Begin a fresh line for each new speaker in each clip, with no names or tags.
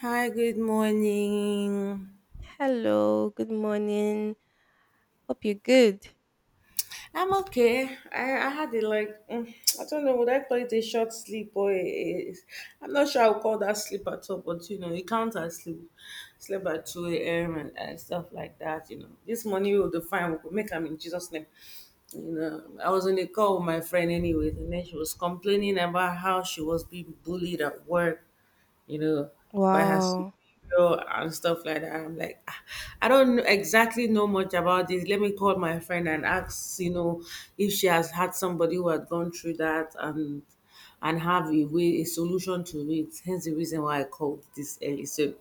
Hi, good morning.
Hello, good morning. Hope you're good.
I'm okay. I had a like, I don't know, would I call it a short sleep or I'm not sure I would call that sleep at all, but you know, it counts as sleep. Sleep at 2 a.m. and stuff like that, you know. This morning will define, we'll make them in Jesus' name. You know, I was on a call with my friend anyway, and then she was complaining about how she was being bullied at work you know, by her superior
Wow.
and stuff like that. I'm like, "Ah, I don't know- exactly know much about this. Let me call my friend and ask, you know, if she has had somebody who had gone through that and have a way a solution to it. Hence the reason why I called this early. So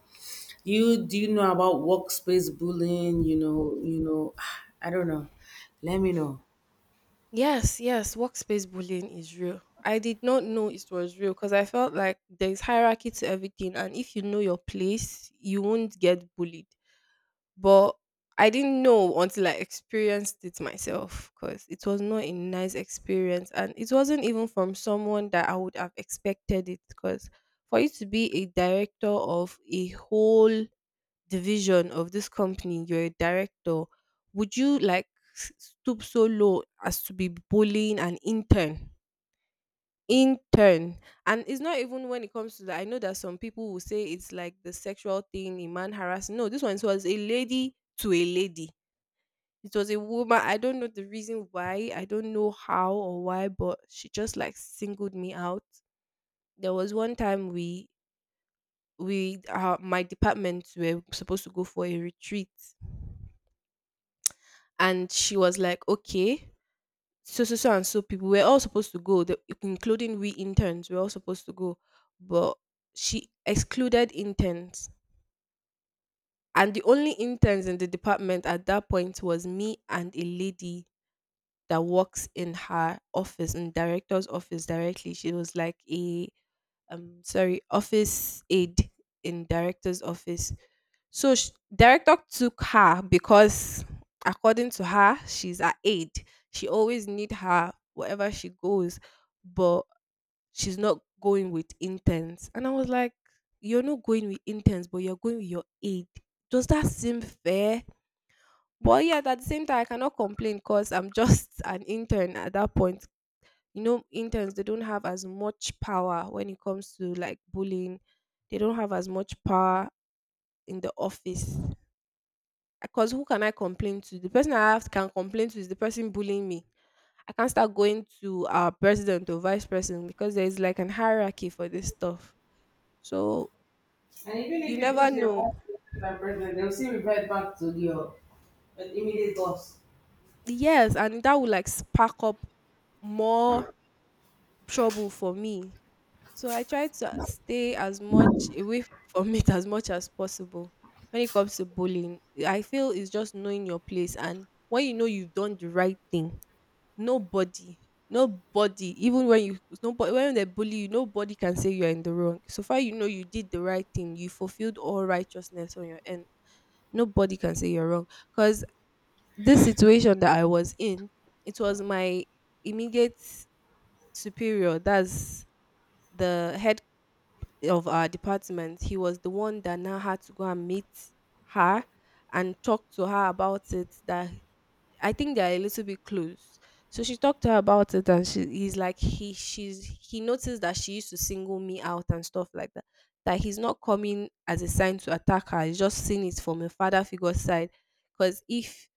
you know about workspace bullying, I don't know. Let me know.
Yes, yes, workspace bullying is real. I did not know it was real because I felt like there's hierarchy to everything, and if you know your place, you won't get bullied. But I didn't know until I experienced it myself because it was not a nice experience, and it wasn't even from someone that I would have expected it. Because for you to be a director of a whole division of this company, you're a director, would you like stoop so low as to be bullying an intern? Intern. And it's not even when it comes to that. I know that some people will say it's like the sexual thing in man harassing. No, this one was a lady to a lady. It was a woman. I don't know the reason why. I don't know how or why, but she just like singled me out. There was one time we my department were supposed to go for a retreat and she was like, okay, so and so people we're all supposed to go, the, including we interns, we're all supposed to go, but she excluded interns, and the only interns in the department at that point was me and a lady that works in her office in director's office directly. She was like a sorry office aide in director's office. So director took her because, according to her, she's her aide. She always need her wherever she goes, but she's not going with interns. And I was like, you're not going with interns, but you're going with your aide. Does that seem fair? But yeah, at the same time, I cannot complain because I'm just an intern at that point. You know, interns they don't have as much power when it comes to like bullying. They don't have as much power in the office. Because who can I complain to? The person I have can complain to is the person bullying me. I can't start going to our president or vice president because there is like an hierarchy for this stuff. So
And even
you
if you
never
go to your
know.
boss and present, they'll still revert back to your immediate boss.
Yes, and that would like spark up more trouble for me. So I try to stay as much away from it as much as possible. When it comes to bullying, I feel it's just knowing your place and when you know you've done the right thing, nobody, nobody, even when you nobody when they bully you, nobody can say you are in the wrong. So far you know you did the right thing, you fulfilled all righteousness on your end. Nobody can say you're wrong. Because this situation that I was in, it was my immediate superior, that's the head of our department. He was the one that now had to go and meet her and talk to her about it that I think they are a little bit close. So she talked to her about it, and she he's like he she's he noticed that she used to single me out and stuff like that. That he's not coming as a sign to attack her. He's just seeing it from a father figure side. Because if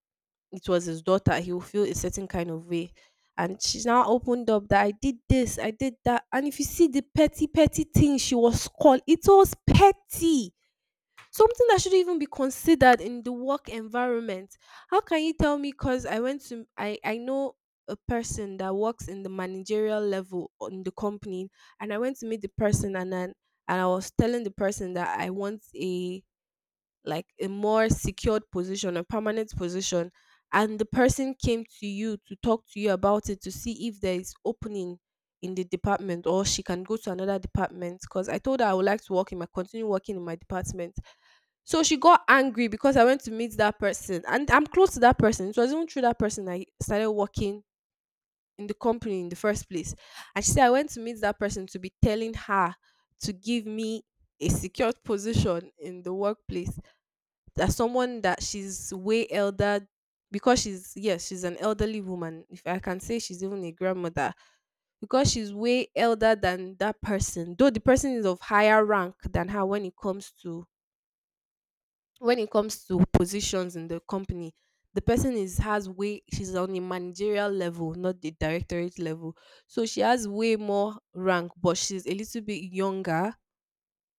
it was his daughter, he will feel a certain kind of way. And she's now opened up that I did this, I did that. And if you see the petty, petty thing she was called, it was petty. Something that shouldn't even be considered in the work environment. How can you tell me cuz I went to I know a person that works in the managerial level on the company and I went to meet the person and then and I was telling the person that I want a like a more secured position, a permanent position, and the person came to you to talk to you about it to see if there is opening in the department or she can go to another department because I told her I would like to work in my continue working in my department. So she got angry because I went to meet that person and I'm close to that person. It was even through that person I started working in the company in the first place. And she said I went to meet that person to be telling her to give me a secured position in the workplace as someone that she's way elder, because she's, yes, she's an elderly woman, if I can say she's even a grandmother, because she's way elder than that person, though the person is of higher rank than her when it comes to positions in the company. The person is has way She's on a managerial level, not the directorate level, so she has way more rank, but she's a little bit younger.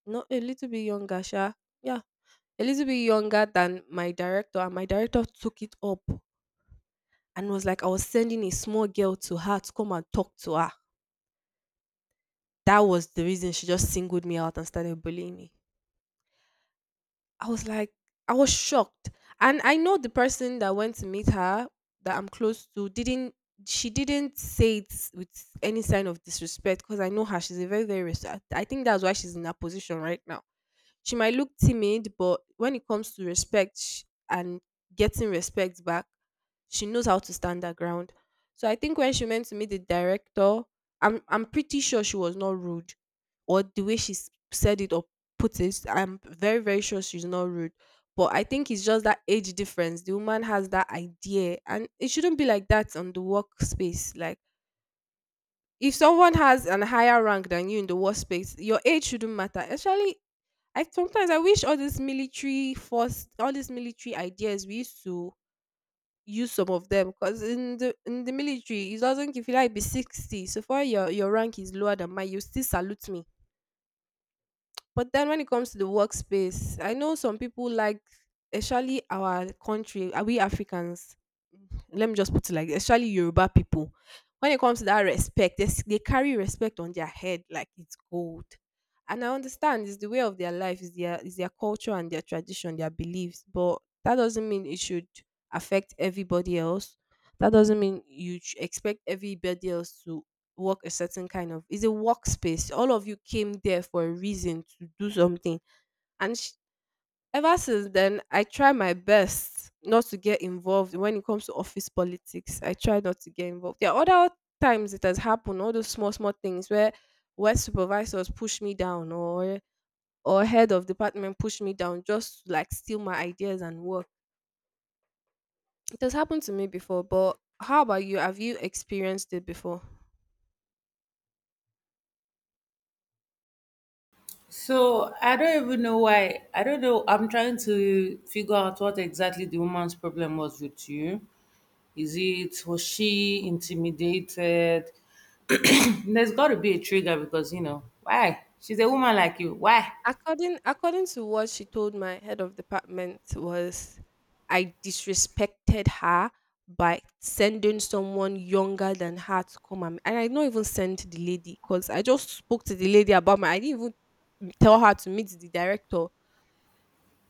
Not a little bit younger sha. Yeah, a little bit younger than my director, and my director took it up and was like, I was sending a small girl to her to come and talk to her. That was the reason she just singled me out and started bullying me. I was like, I was shocked. And I know the person that went to meet her that I'm close to didn't, she didn't say it with any sign of disrespect because I know her. She's a very, very I think that's why she's in that position right now. She might look timid, but when it comes to and getting respect back, she knows how to stand her ground. So I think when she went to meet the director, I'm pretty sure she was not rude, or the way she said it or put it, I'm very very sure she's not rude. But I think it's just that age difference. The woman has that idea, and it shouldn't be like that on the workspace. Like if someone has an higher rank than you in the workspace, your age shouldn't matter. Especially I sometimes I wish all this military force, all these military ideas we used to use some of them because in the military it doesn't give you like be 60. So far your rank is lower than mine, you still salute me. But then when it comes to the workspace, I know some people like, especially our country, are we Africans? Let me just put it like, this, especially Yoruba people. When it comes to that respect, they carry respect on their head like it's gold. And I understand it's the way of their life, is their culture and their tradition, their beliefs. But that doesn't mean it should affect everybody else. That doesn't mean you expect everybody else to work a certain kind of it's a workspace. All of you came there for a reason to do something. And ever since then, I try my best not to get involved when it comes to office politics. I try not to get involved. There are other times it has happened, all those small, small things where supervisors push me down or head of department push me down just to like steal my ideas and work. It has happened to me before, but how about you? Have you experienced it before?
So I don't even know why. I don't know. I'm trying to figure out what exactly the woman's problem was with you. Is it was she intimidated? There's got to be a trigger because you know why? She's a woman like you. Why?
According to what she told my head of department was I disrespected her by sending someone younger than her to come and I not even sent the lady because I just spoke to the lady about my I didn't even tell her to meet the director.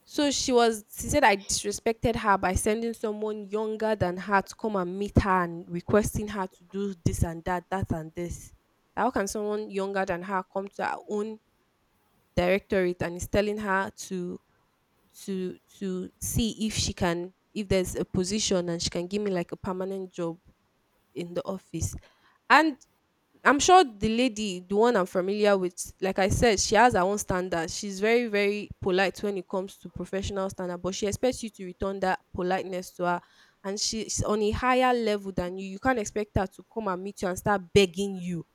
So she said I disrespected her by sending someone younger than her to come and meet her and requesting her to do this and that, that and this. How can someone younger than her come to her own directorate and is telling her to see if she can if there's a position and she can give me like a permanent job in the office. And I'm sure the lady, the one I'm familiar with, like I said, she has her own standards. She's very very polite when it comes to professional standard, but she expects you to return that politeness to her. And she's on a higher level than you, you can't expect her to come and meet you and start begging you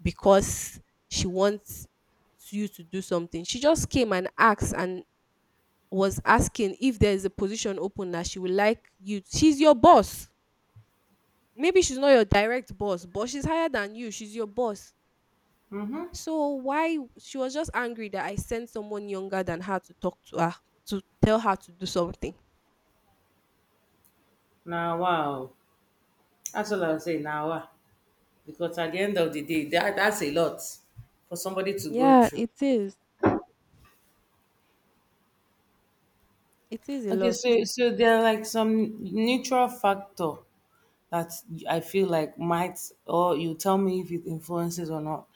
because she wants you to do something. She just came and asked and was asking if there is a position open that she would like you. She's your boss. Maybe she's not your direct boss, but she's higher than you. She's your boss. So why she was just angry that I sent someone younger than her to talk to her to tell her to do something.
Now wow, that's all I'll say. Now wow, because at the end of the day, that's a lot for somebody to go
Yeah,
through.
it is. It is a
Okay,
lot.
so so there are like some neutral factor that I feel like might, or you tell me if it influences or not.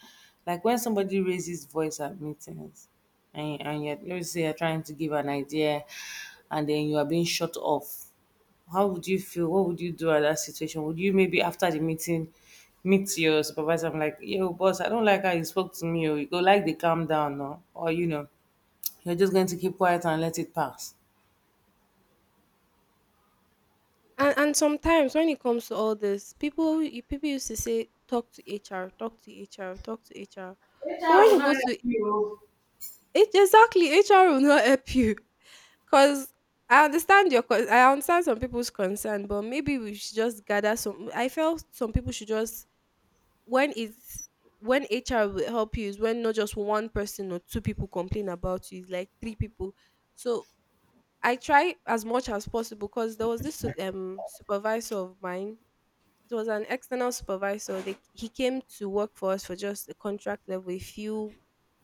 Like when somebody raises voice at meetings, and you're, let's say you're trying to give an idea, and then you are being shut off. How would you feel? What would you do at that situation? Would you maybe after the meeting meet your supervisor? I'm like, yo, boss, I don't like how you spoke to me. Or you go like they calm down, no? Or you know, you're just going to keep quiet and let it pass.
And sometimes when it comes to all this, people used to say talk to HR, talk to HR, talk to HR. But
HR
when
will
you go
not help
to
you.
it, exactly HR will not help you because I understand your I understand some people's concern, but maybe we should just gather some. I felt some people should just when it's when HR will help you is when not just one person or two people complain about you, it's like three people. So I try as much as possible because there was this supervisor of mine. It was an external supervisor. He came to work for us for just a contract level, a few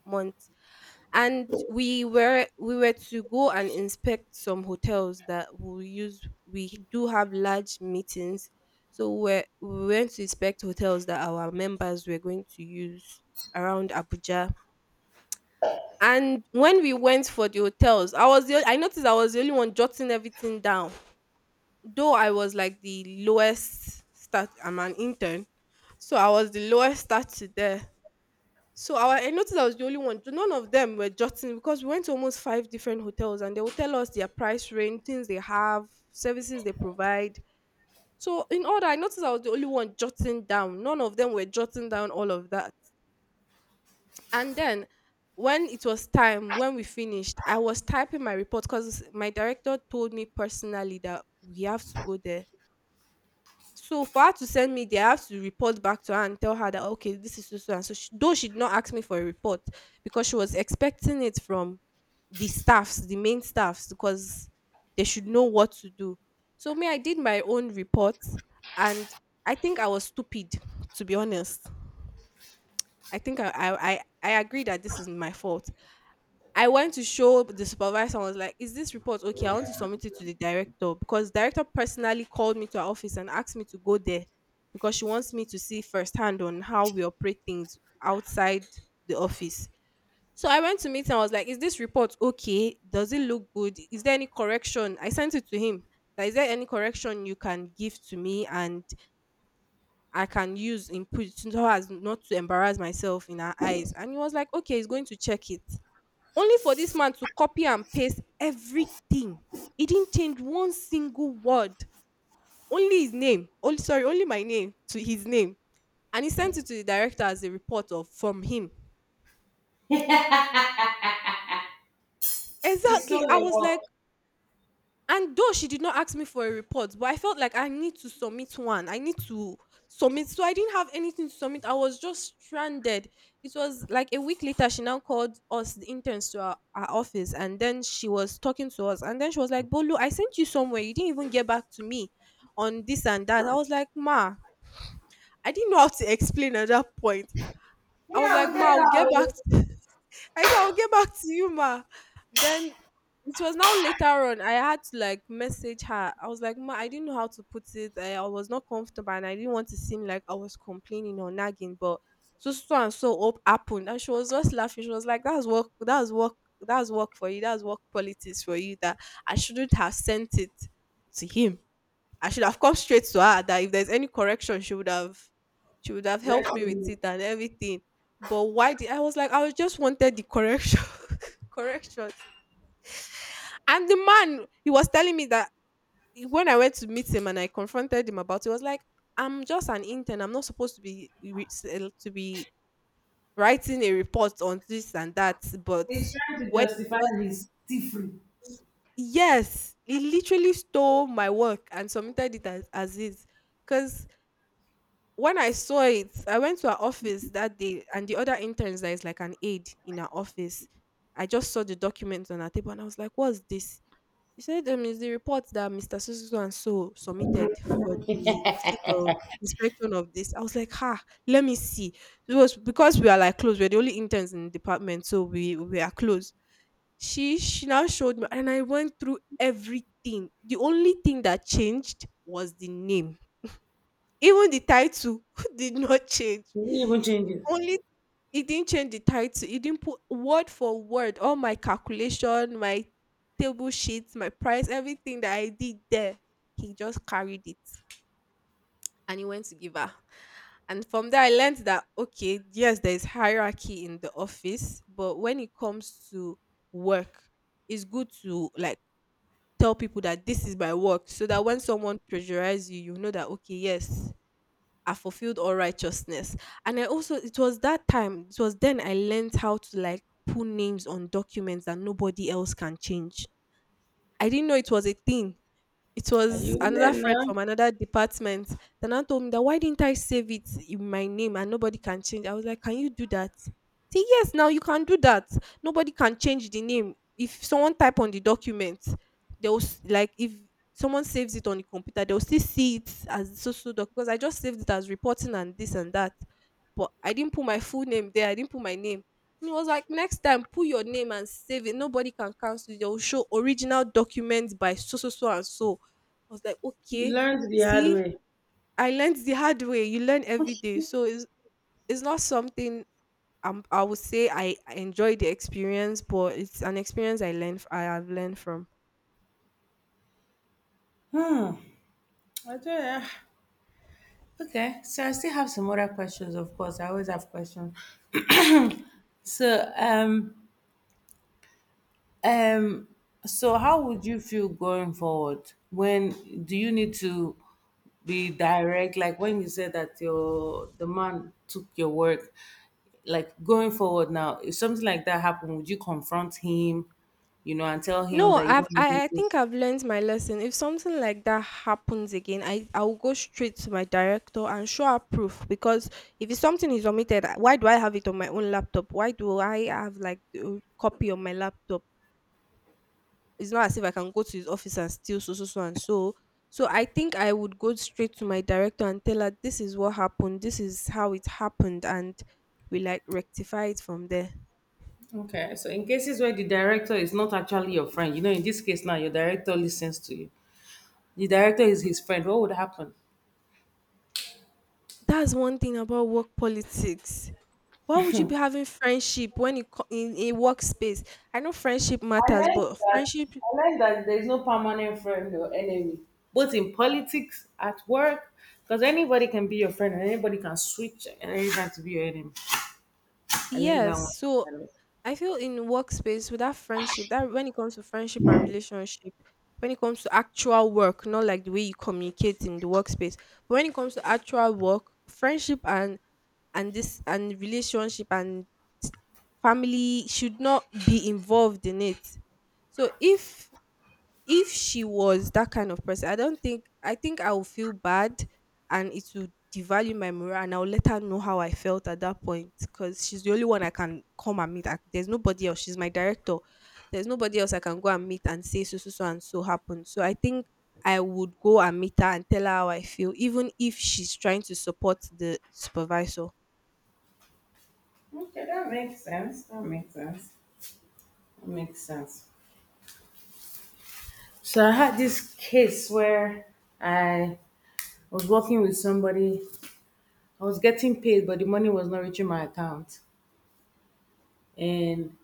months, and we were to go and inspect some hotels that we use. We do have large meetings, so we went to inspect hotels that our members were going to use around Abuja. And when we went for the hotels, I noticed I was the only one jotting everything down. Though I was like the lowest start. I'm an intern, so I was the lowest stature there. So I noticed I was the only one. So none of them were jotting because we went to almost five different hotels and they will tell us their price range, things they have, services they provide. So in order, I noticed I was the only one jotting down. None of them were jotting down all of that. And then when it was time, when we finished, I was typing my report because my director told me personally that we have to go there. So for her to send me there, I have to report back to her and tell her that okay, this is so so and so. She, though she did not ask me for a report because she was expecting it from the staffs, the main staffs, because they should know what to do. So me, I did my own report, and I think I was stupid, to be honest. I think I agree that this is my fault. I went to show the supervisor and was like, is this report okay? I want to submit it to the director because director personally called me to her office and asked me to go there because she wants me to see firsthand on how we operate things outside the office. So I went to meet him. I was like, is this report okay? Does it look good? Is there any correction? I sent it to him. Like, is there any correction you can give to me and I can use input so as not to embarrass myself in her eyes? And he was like, okay, he's going to check it. Only for this man to copy and paste everything. He didn't change one single word. Only his name. Only sorry, only my name to his name. And he sent it to the director as a report of from him.
It's still
Exactly. I
your
was like,
work.
and though she did not ask me for a report, but I felt like I need to submit one. I need to submit. So I didn't have anything to submit. I was just stranded. It was like a week later, she now called us, the interns, to our office. And then she was talking to us. And then she was like, Bolu, I sent you somewhere. You didn't even get back to me on this and that. I was like, ma, I didn't know how to explain at that point. I
Yeah,
was
I
like,
will tell
ma,
her.
I said, I'll get back to you, ma. Then it was now later on, I had to like message her. I was like, ma, I didn't know how to put it. I was not comfortable and I didn't want to seem like I was complaining or nagging, but so so and so up happened. And she was just laughing. She was like, that's work, that's work, that's work for you, that's work politics for you that I shouldn't have sent it to him. I should have come straight to her that if there's any correction, she would have helped me with it and everything. But why did I was like, I was just wanted the correction correction. And the man he was telling me that when I went to meet him and I confronted him about it, he was like, I'm just an intern. I'm not supposed to be to be writing a report on this and that. But
He's trying to
when he
justify
got-
his free.
yes, he literally stole my work and submitted it as is. Because when I saw it, I went to her office that day, and the other interns that is like an aide in her office. I just saw the document on her table, and I was like, "What's this?" She said, "It's the report that Mister so so and so submitted for the visit of inspection of this." I was like, "Ha, let me see." It was because we are like close. We're the only interns in the department, so we are close. She now showed me, and I went through everything. The only thing that changed was the name. Even the title did not change.
He didn't even change it.
Only It didn't change the title. It didn't put word for word all my calculation, my table sheets, my price, everything that I did there. He just carried it and he went to give her. And from there, I learned that okay, yes, there is hierarchy in the office, but when it comes to work, it's good to like tell people that this is my work, so that when someone pressurizes you, you know that okay, yes, I fulfilled all righteousness. And I also, it was that time, it was then I learned how to like put names on documents that nobody else can change. I didn't know it was a thing. It
And
was
you
another
learn
friend
now.
from another department that now told me that why didn't I save it in my name and nobody can change. I was like, can you do that? See, yes, now you can do that. Nobody can change the name. If someone type on the document, they'll like if someone saves it on the computer, they'll still see it as so so doc because I just saved it as reporting and this and that. But I didn't put my full name there, I didn't put my name. And it was like next time put your name and save it. Nobody can cancel it. They'll show original documents by so so so and so. I was like,
You
okay,
learned the hard
see,
way.
I learned the hard way. You learn every day. So it's not something I would say I enjoyed the experience, but it's an experience I learned, I have learned from.
Hmm. I don't know. Okay. So I still have some other questions, of course. I always have questions. So um so how would you feel going forward? When do you need to be direct? Like when you said that your the man took your work, like going forward now, if something like that happened, would you confront him, you know, and tell him
No,
that you don't remember
I
this?
think I've learned my lesson. If something like that happens again, I will go straight to my director and show her proof because if it's something is omitted, why do I have it on my own laptop? Why do I have like a copy on my laptop? It's not as if I can go to his office and steal so so so and so. So I think I would go straight to my director and tell her this is what happened, this is how it happened, and we like rectify it from there.
Okay. So in cases where the director is not actually your friend, you know, in this case now your director listens to you. The director is his friend. What would happen?
That's one thing about work politics. Why would you be having friendship when in a workspace? I know friendship
I
matters,
like
but
that.
friendship,
I like that there's no permanent friend or enemy. Both in politics, at work, because anybody can be your friend and anybody can switch and anybody to be your enemy. I learned that
yes. So
one.
I feel in workspace with that friendship, that when it comes to friendship and relationship, when it comes to actual work, not like the way you communicate in the workspace, but when it comes to actual work, friendship and this and relationship and family should not be involved in it. So if she was that kind of person, I don't think I will feel bad and it will devalue my morale and I'll let her know how I felt at that point because she's the only one I can come and meet. There's nobody else. She's my director. There's nobody else I can go and meet and say so so so and so happened. So I think I would go and meet her and tell her how I feel, even if she's trying to support the supervisor.
Okay, that makes sense. That makes sense. That makes sense. So I had this case where I was working with somebody. I was getting paid, but the money was not reaching my account, and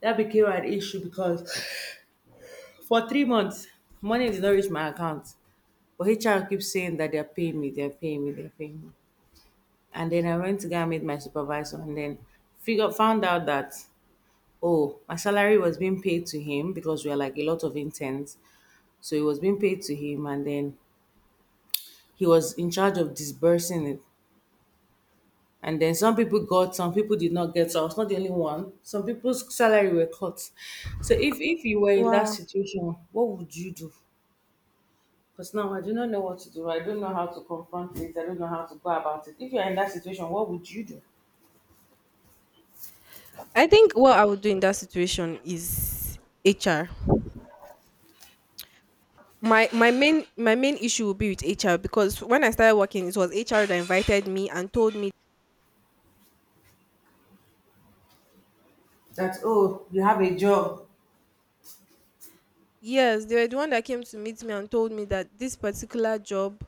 that became an issue because for 3 months money did not reach my account. But HR keeps saying that they're paying me, they're paying me, they're paying me. And then I went to go and meet my supervisor, and then figure found out that oh, my salary was being paid to him because we are like a lot of interns, so it was being paid to him, and then he was in charge of disbursing it. And then some people got, some people did not get. So I was not the only one. Some people's salary were cut. So if you were in that
Wow.
situation, what would you do? Because now I do not know what to do. I don't know how to confront it. I don't know how to go about it. If you're in that situation, what would you do?
I think what I would do in that situation is HR. My main issue will be with HR because when I started working, it was HR that invited me and told me
That oh, you have a job.
yes, they were the one that came to meet me and told me that this particular job,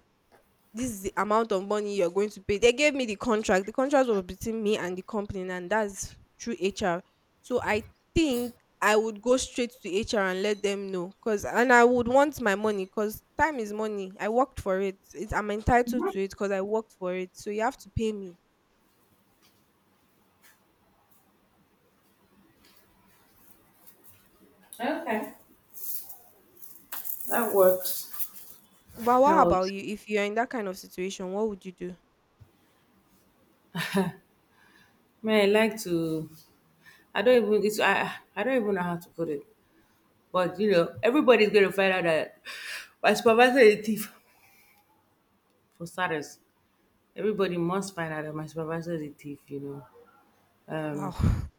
this is the amount of money you're going to pay. They gave me the contract. The contract was between me and the company, and that's through HR. So I think I would go straight to HR and let them know because and I would want my money because time is money. I worked for it. It's I'm entitled to it because I worked for it. So you have to pay me.
Okay, that works.
But what about
Helps.
you? If you're in that kind of situation, what would you do?
Man, I like to. I don't even. It's, I don't even know how to put it. But you know, everybody's gonna find out that my supervisor is a thief for starters. Everybody must find out that my supervisor is a thief, you know.
Wow.
Um,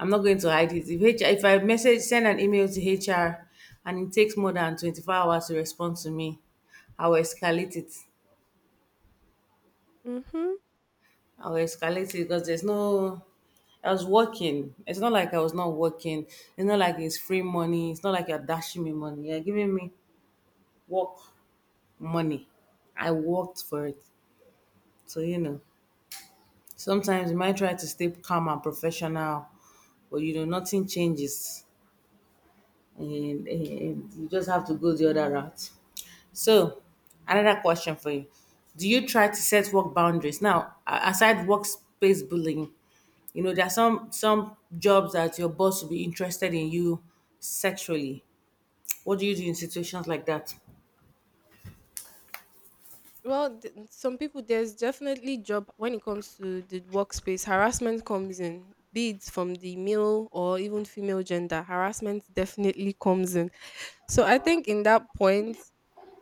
I'm not going to hide it. If HR, if I message, send an email to HR, and it takes more than 24 hours to respond to me, I will escalate it.
Mm-hmm.
I will escalate it because there's no. I was working. It's not like I was not working. It's not like it's free money. It's not like you're dashing me money. You're giving me work money. I worked for it. So, you know, sometimes you might try to stay calm and professional, but you know, nothing changes. And you just have to go the other route. So, another question for you. Do you try to set work boundaries? Now, aside workspace bullying, you know, there are some jobs that your boss will be interested in you sexually. What do you do in situations like that?
Well, some people there's definitely job when it comes to the workspace. Harassment comes in, be it from the male or even female gender. Harassment definitely comes in. So I think in that point,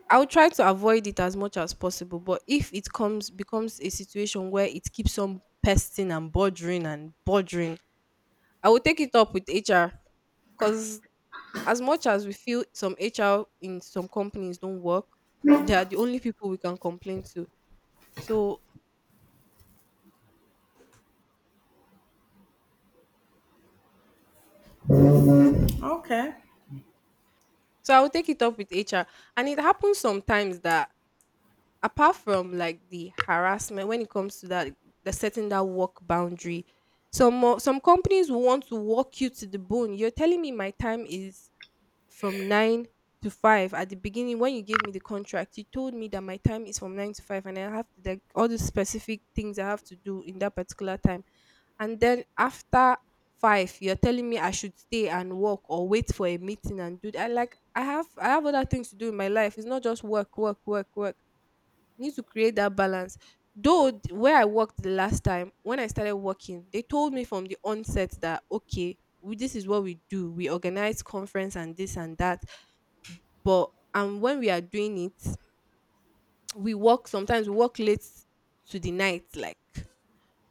I'll try to avoid it as much as possible. But if it comes becomes a situation where it keeps on pesting and bothering, I will take it up with HR, because. As much as we feel some HR in some companies don't work, they are the only people we can complain to. So
Okay,
so I'll take it up with HR. And it happens sometimes that apart from like the harassment when it comes to that, the setting that work boundary, some companies will want to walk you to the bone. You're telling me my time is from 9 to 5. At the beginning, when you gave me the contract, you told me that my time is from 9 to 5, and I have to, like, all the specific things I have to do in that particular time, and then after 5 you're telling me I should stay and work or wait for a meeting and do that. Like, I have other things to do in my life. It's not just work, work, work, work. Need to create that balance. Though where I worked the last time, when I started working, they told me from the onset that, okay, we, this is what we do. We organize conference and this and that. But and when we are doing it, we work, sometimes we work late to the night, like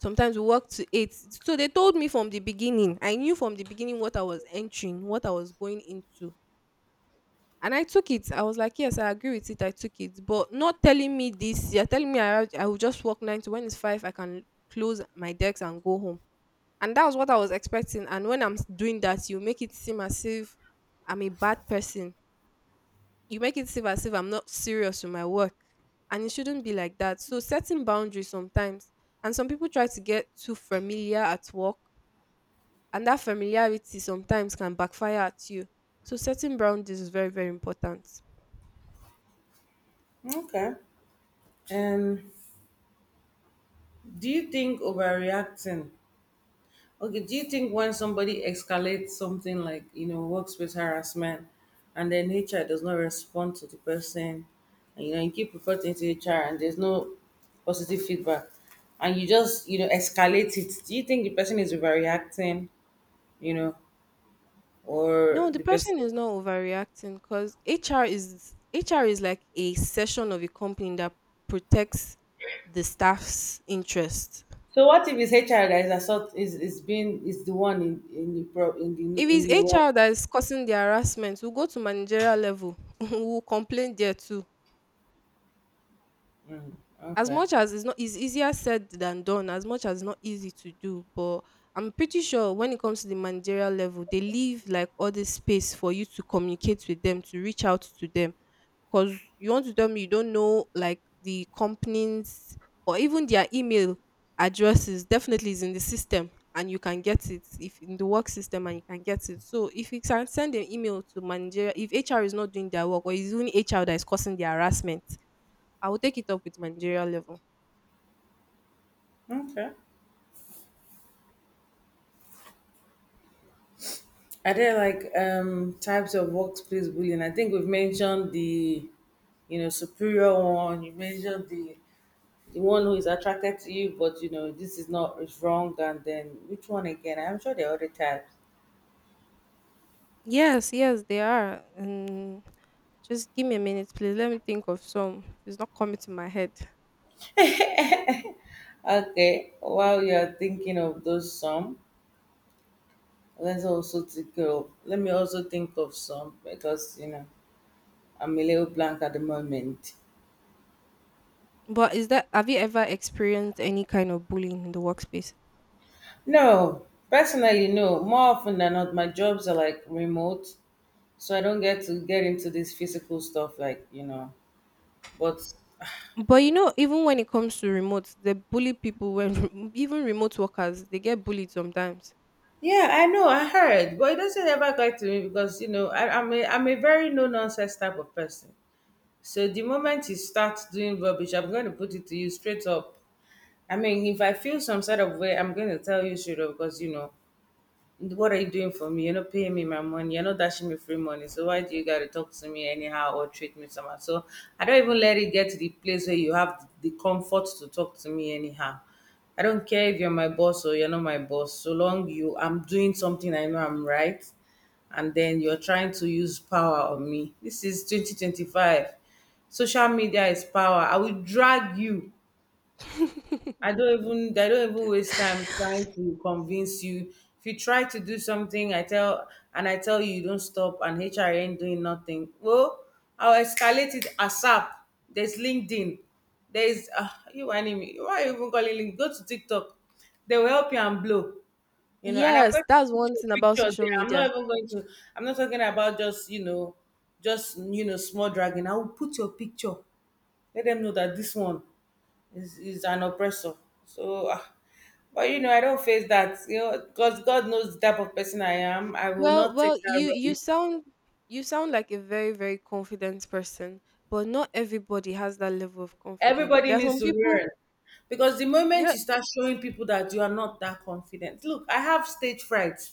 sometimes we work to eight. So they told me from the beginning. I knew from the beginning what I was entering, what I was going into. And I took it. I was like, yes, I agree with it. I took it. But not telling me this. You're telling me I will just work nine to, when it's five, I can close my decks and go home. And that was what I was expecting. And when doing that, you make it seem as if I'm a bad person, you make it seem as if I'm not serious with my work. And it shouldn't be like that. So setting boundaries sometimes. And some people try to get too familiar at work. And that familiarity sometimes can backfire at you. So setting boundaries is very, very important.
okay. And do you think overreacting? Okay, do you think when somebody escalates something like, you know, workspace harassment and then HR does not respond to the person and you know you keep reporting to HR and there's no positive feedback and you just, you know, escalate it, do you think the person is overreacting, you know,
No,
or
the
the person
person is not overreacting because HR is like a section of a company that protects the staff's interest.
so what if it's HR that is assault is being is the one in
If
the in
it's
the wrong?
HR that is causing the harassment, we'll go to managerial level. We'll complain there too. As
Okay.
much as it's not it's easier said than done, as much as it's not easy to do, but I'm pretty sure when it comes to the managerial level, they leave like all this space for you to communicate with them, to reach out to them, because you want to tell me you don't know, like the companies or even their email addresses definitely is in the system and you can get it. If in the work system, and you can get it. So if you can send an email to manager if HR is not doing their work, or is only HR that is causing the harassment, I will take it up with managerial level.
Okay. Are there like types of workplace bullying? I think we've mentioned the you know superior one. You mentioned the one who is attracted to you, but you know this is not is wrong. And then which one again? I'm sure there are other types.
Yes, yes, they are. And just give me a minute, please. Let me think of some. It's not coming to my head.
Okay, while you are thinking of those some, let me also think of some because you know I'm a little blank at the moment.
But is that, have you ever experienced any kind of bullying in the workspace?
No, personally, no. More often than not, my jobs are like remote so I don't get to get into this physical stuff, like you know. But
But you know, even when it comes to remote, they bully people when even remote workers they get bullied sometimes.
yeah, I know I heard, but it doesn't ever get to me because you know I'm a very no nonsense type of person. So the moment you start doing rubbish, I'm going to put it to you straight up. I mean, if I feel some sort of way, I'm going to tell you straight up because you know what are you doing for me? You're not paying me my money. You're not dashing me free money. So why do you gotta talk to me anyhow or treat me somehow? So I don't even let it get to the place where you have the comfort to talk to me anyhow. I don't care if you're my boss or you're not my boss. So long you I'm doing something I know I'm right and then you're trying to use power on me. This is 2025. Social media is power. I will drag you. I don't even they don't even waste time trying to convince you. If you try to do something, I tell and I tell you you don't stop and HR ain't doing nothing. Well, I'll escalate it ASAP. There's LinkedIn. There's you enemy. Why are you even calling LinkedIn? Go to TikTok. They will help you and blow. You know, and I'm
Yes,
going
that's
to put
one
your
thing about
picture
social
there. I'm
media.
not even going to I'm not talking about just you know, small dragging. I will put your picture let them know that this one is an oppressor. So, ah, but you know, I don't face that, you know, because God knows the type of person I am. I will
Well,
not
well,
take that rubbish.
you sound like a very, very confident person, but not everybody has that level of confidence.
Everybody
There are
needs
some
to
people,
learn. Because the moment
you're
you start showing people that you are not that confident, look, I have stage fright.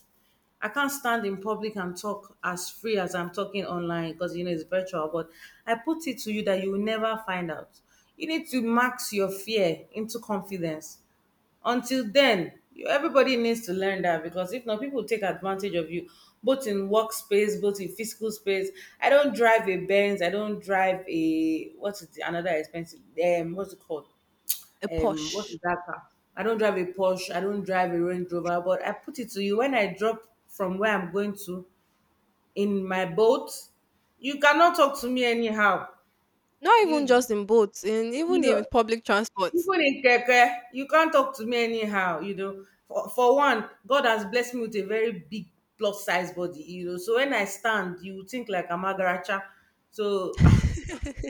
I can't stand in public and talk as free as I'm talking online because you know it's virtual. But I put it to you that you will never find out. You need to max your fear into confidence until then everybody needs to learn that because if not people take advantage of you both in workspace, both in physical space. I don't drive a Benz, I don't drive a what's it, another expensive what's it called,
a
what
posh.
is that car? I don't drive a Porsche, I don't drive a Range Rover, but I put it to you, when I drop from where I'm going to in my boat, you cannot talk to me anyhow.
Not even
you
just in boats, in even
you know
in public transport.
Even in keke, you can't talk to me anyhow, you know. For one, God has blessed me with a very big plus size body, you know. So when I stand, you would think like I'm agaracha. So ah,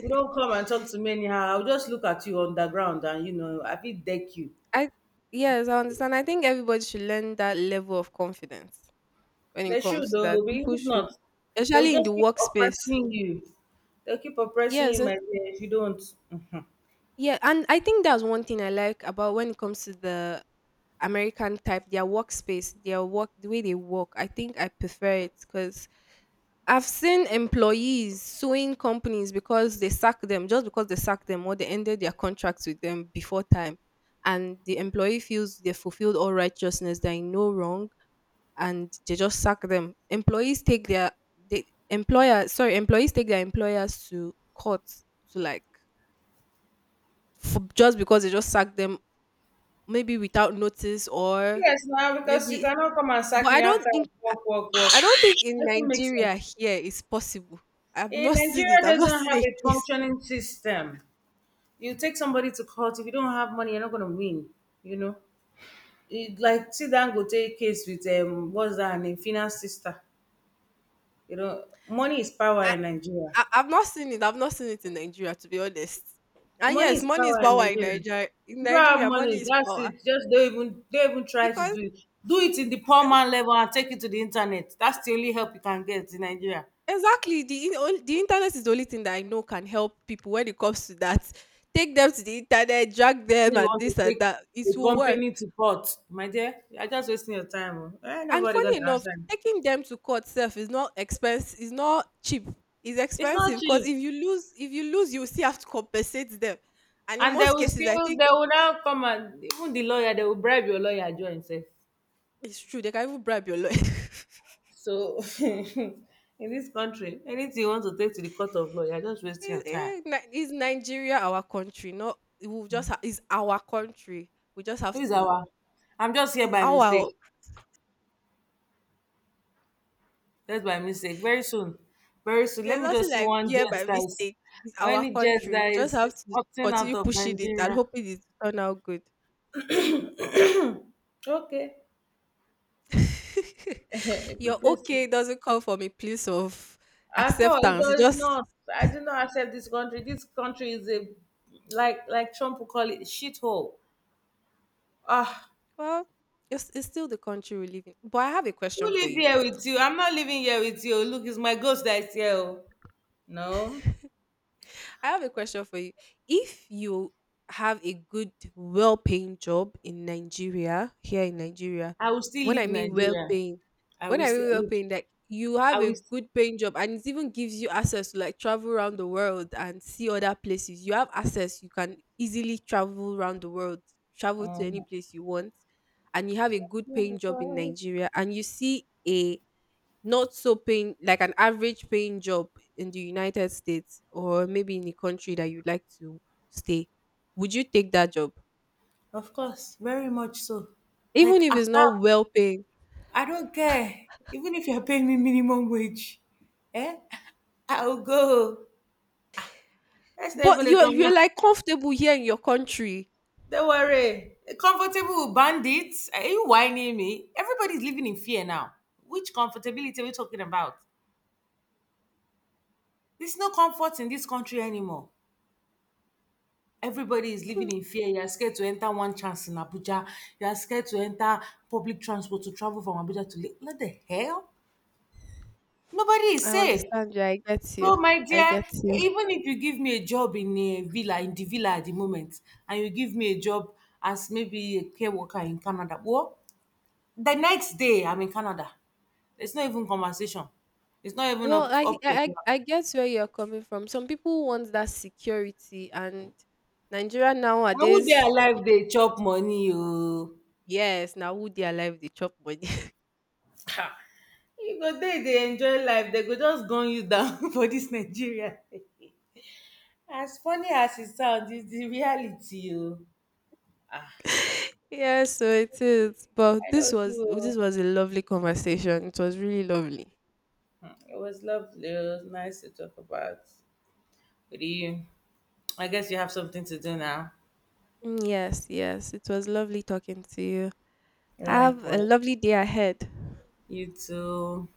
you don't come and talk to me anyhow. I'll just look at you on the ground and you know, I feel deck you.
I Yes, I understand. I think everybody should learn that level of confidence when it
They should
comes to
though,
that.
but
People
if
should,
not, they will
especially in the
just keep
workspace.
oppressing you. They'll keep oppressing
Yes.
you, my dear, if you don't. Mhm.
Yeah, and I think that's one thing I like about when it comes to the American type, their workspace, their work, the way they work. I think I prefer it because I've seen employees suing companies because they sacked them, just because they sacked them or they ended their contracts with them before time. And the employee feels they fulfilled all righteousness, they no wrong, and they just sack them. Employees take their, the employer sorry, employees take their employers to court to, like, just because they just sacked them, maybe without notice or
Yes, now because you
maybe.
cannot come and sack
But
me after I work.
I
That's your
don't think
age.
in
Doesn't make
Nigeria
sense.
here it's possible. I've
In
not seen it.
Nigeria
I've not
doesn't
seen
have
a
a
case.
functioning system. You take somebody to court, if you don't have money, you're not gonna win. You know, it, like see Dangote case with what's that her name, Fina's sister. You know, money is power
I,
in Nigeria.
I've not seen it. I've not seen it in Nigeria, to be honest. And
Money
yes,
is
money is
power in
power in
Nigeria.
Nigeria.
If
In
you don't have
Nigeria, money
money,
is
that's
power
it. Just don't even try to
because.
do it. Do it in the poor man level and take it to the internet. That's the only help you can get in Nigeria.
Exactly. The only the internet is the only thing that I know can help people when it comes to that. Take them to the internet, drag
Say
them
you
and
want to
this and
take
that.
a
It will work.
company to port, my dear, you are just wasting your time. Oh, ain't
And
nobody
funny
gonna
enough,
answer.
taking them to court self is not expense is not cheap. It's
It's
expensive
not
because
cheap.
if you lose, you will still have to compensate them. And in
And they
most
will
cases, I
still
think
they will now come and even the lawyer, they will bribe your lawyer join say.
it's true. They can even bribe your lawyer.
So in this country, anything you want to take to the court of law, you're just wasting
Is,
your time.
eh, is Nigeria our country? No, we will just is our country. We just
Who
have
is
to.
our I'm just here
It's
by
our.
mistake. Just by mistake. Very soon. Very soon. Let
There's
me
nothing
just see
like
one
"Here by
jet that is,
mistake." It's our
any jet
country.
that
We just
is,
have
is
to
opting
continue
out of
pushing it and
Nigeria.
hoping it will turn out good.
Okay. It
Your
is-
okay doesn't come from a place of
At all, it
acceptance. It
does
just,
not. I do not accept this country. This country is a, like Trump will call it, shithole. Ah,
well, it's still the country we live in. But I have a
who
question for
live
you.
here with you? I'm not living here with you. Look, it's my ghost that is here. Oh, no,
I have a question for you. If you have a good, well paying job in Nigeria, here in Nigeria,
I will still
when I
leave
mean well
Nigeria.
paying,
I
when
will
I mean
still
well
look.
paying, like you have
I
a
will. St-
good paying job and it even gives you access to like travel around the world and see other places. You have access, you can easily travel around the world, travel to any
Mhm.
place you want, and you have a good paying job in Nigeria and you see a not so paying, like an average paying job in the United States, or maybe in the country that you'd like to stay, would you take that job?
Of course, very much so.
Even
Like
if it's not well
ASAP,
paying.
I don't care. Even if you're paying me minimum wage, eh? I'll go. That's not
But
even a
you're
conversation.
like comfortable here in your country.
Don't worry. Comfortable with bandits? Are you whining me? Everybody's living in fear now. Which comfortability are we talking about? There's no comfort in this country anymore. Everybody is living in fear. You are scared to enter one chance in Abuja. You are scared to enter public transport to travel from Abuja to Lagos. What the hell? Nobody is
I
safe.
understand you. I get you.
So, my
I
dear,
get you.
even if you give me a job in a villa, in the villa at the moment, and you give me a job as maybe a care worker in Canada, well, the next day I'm in Canada. It's not even conversation. It's not even
Well,
up up for grab.
I get where you're coming from. Some people want that security and Nigeria
Na who
nowadays,
dey alive dey chop money oo.
yes, now who their life they chop money.
Ha! You go dey dey enjoy life, dey go just gun you down for dis Nigeria. As funny as e sound, it's the reality oo. Ah!
Yeah, so it is. But
I no do oo.
this was a lovely conversation. It was really lovely.
Hmm, it was lovely. It was nice to talk about with you. I guess you have something to do now.
Mm. Yes, yes. It was lovely talking to you. Have a
Likewise.
lovely day ahead.
You too.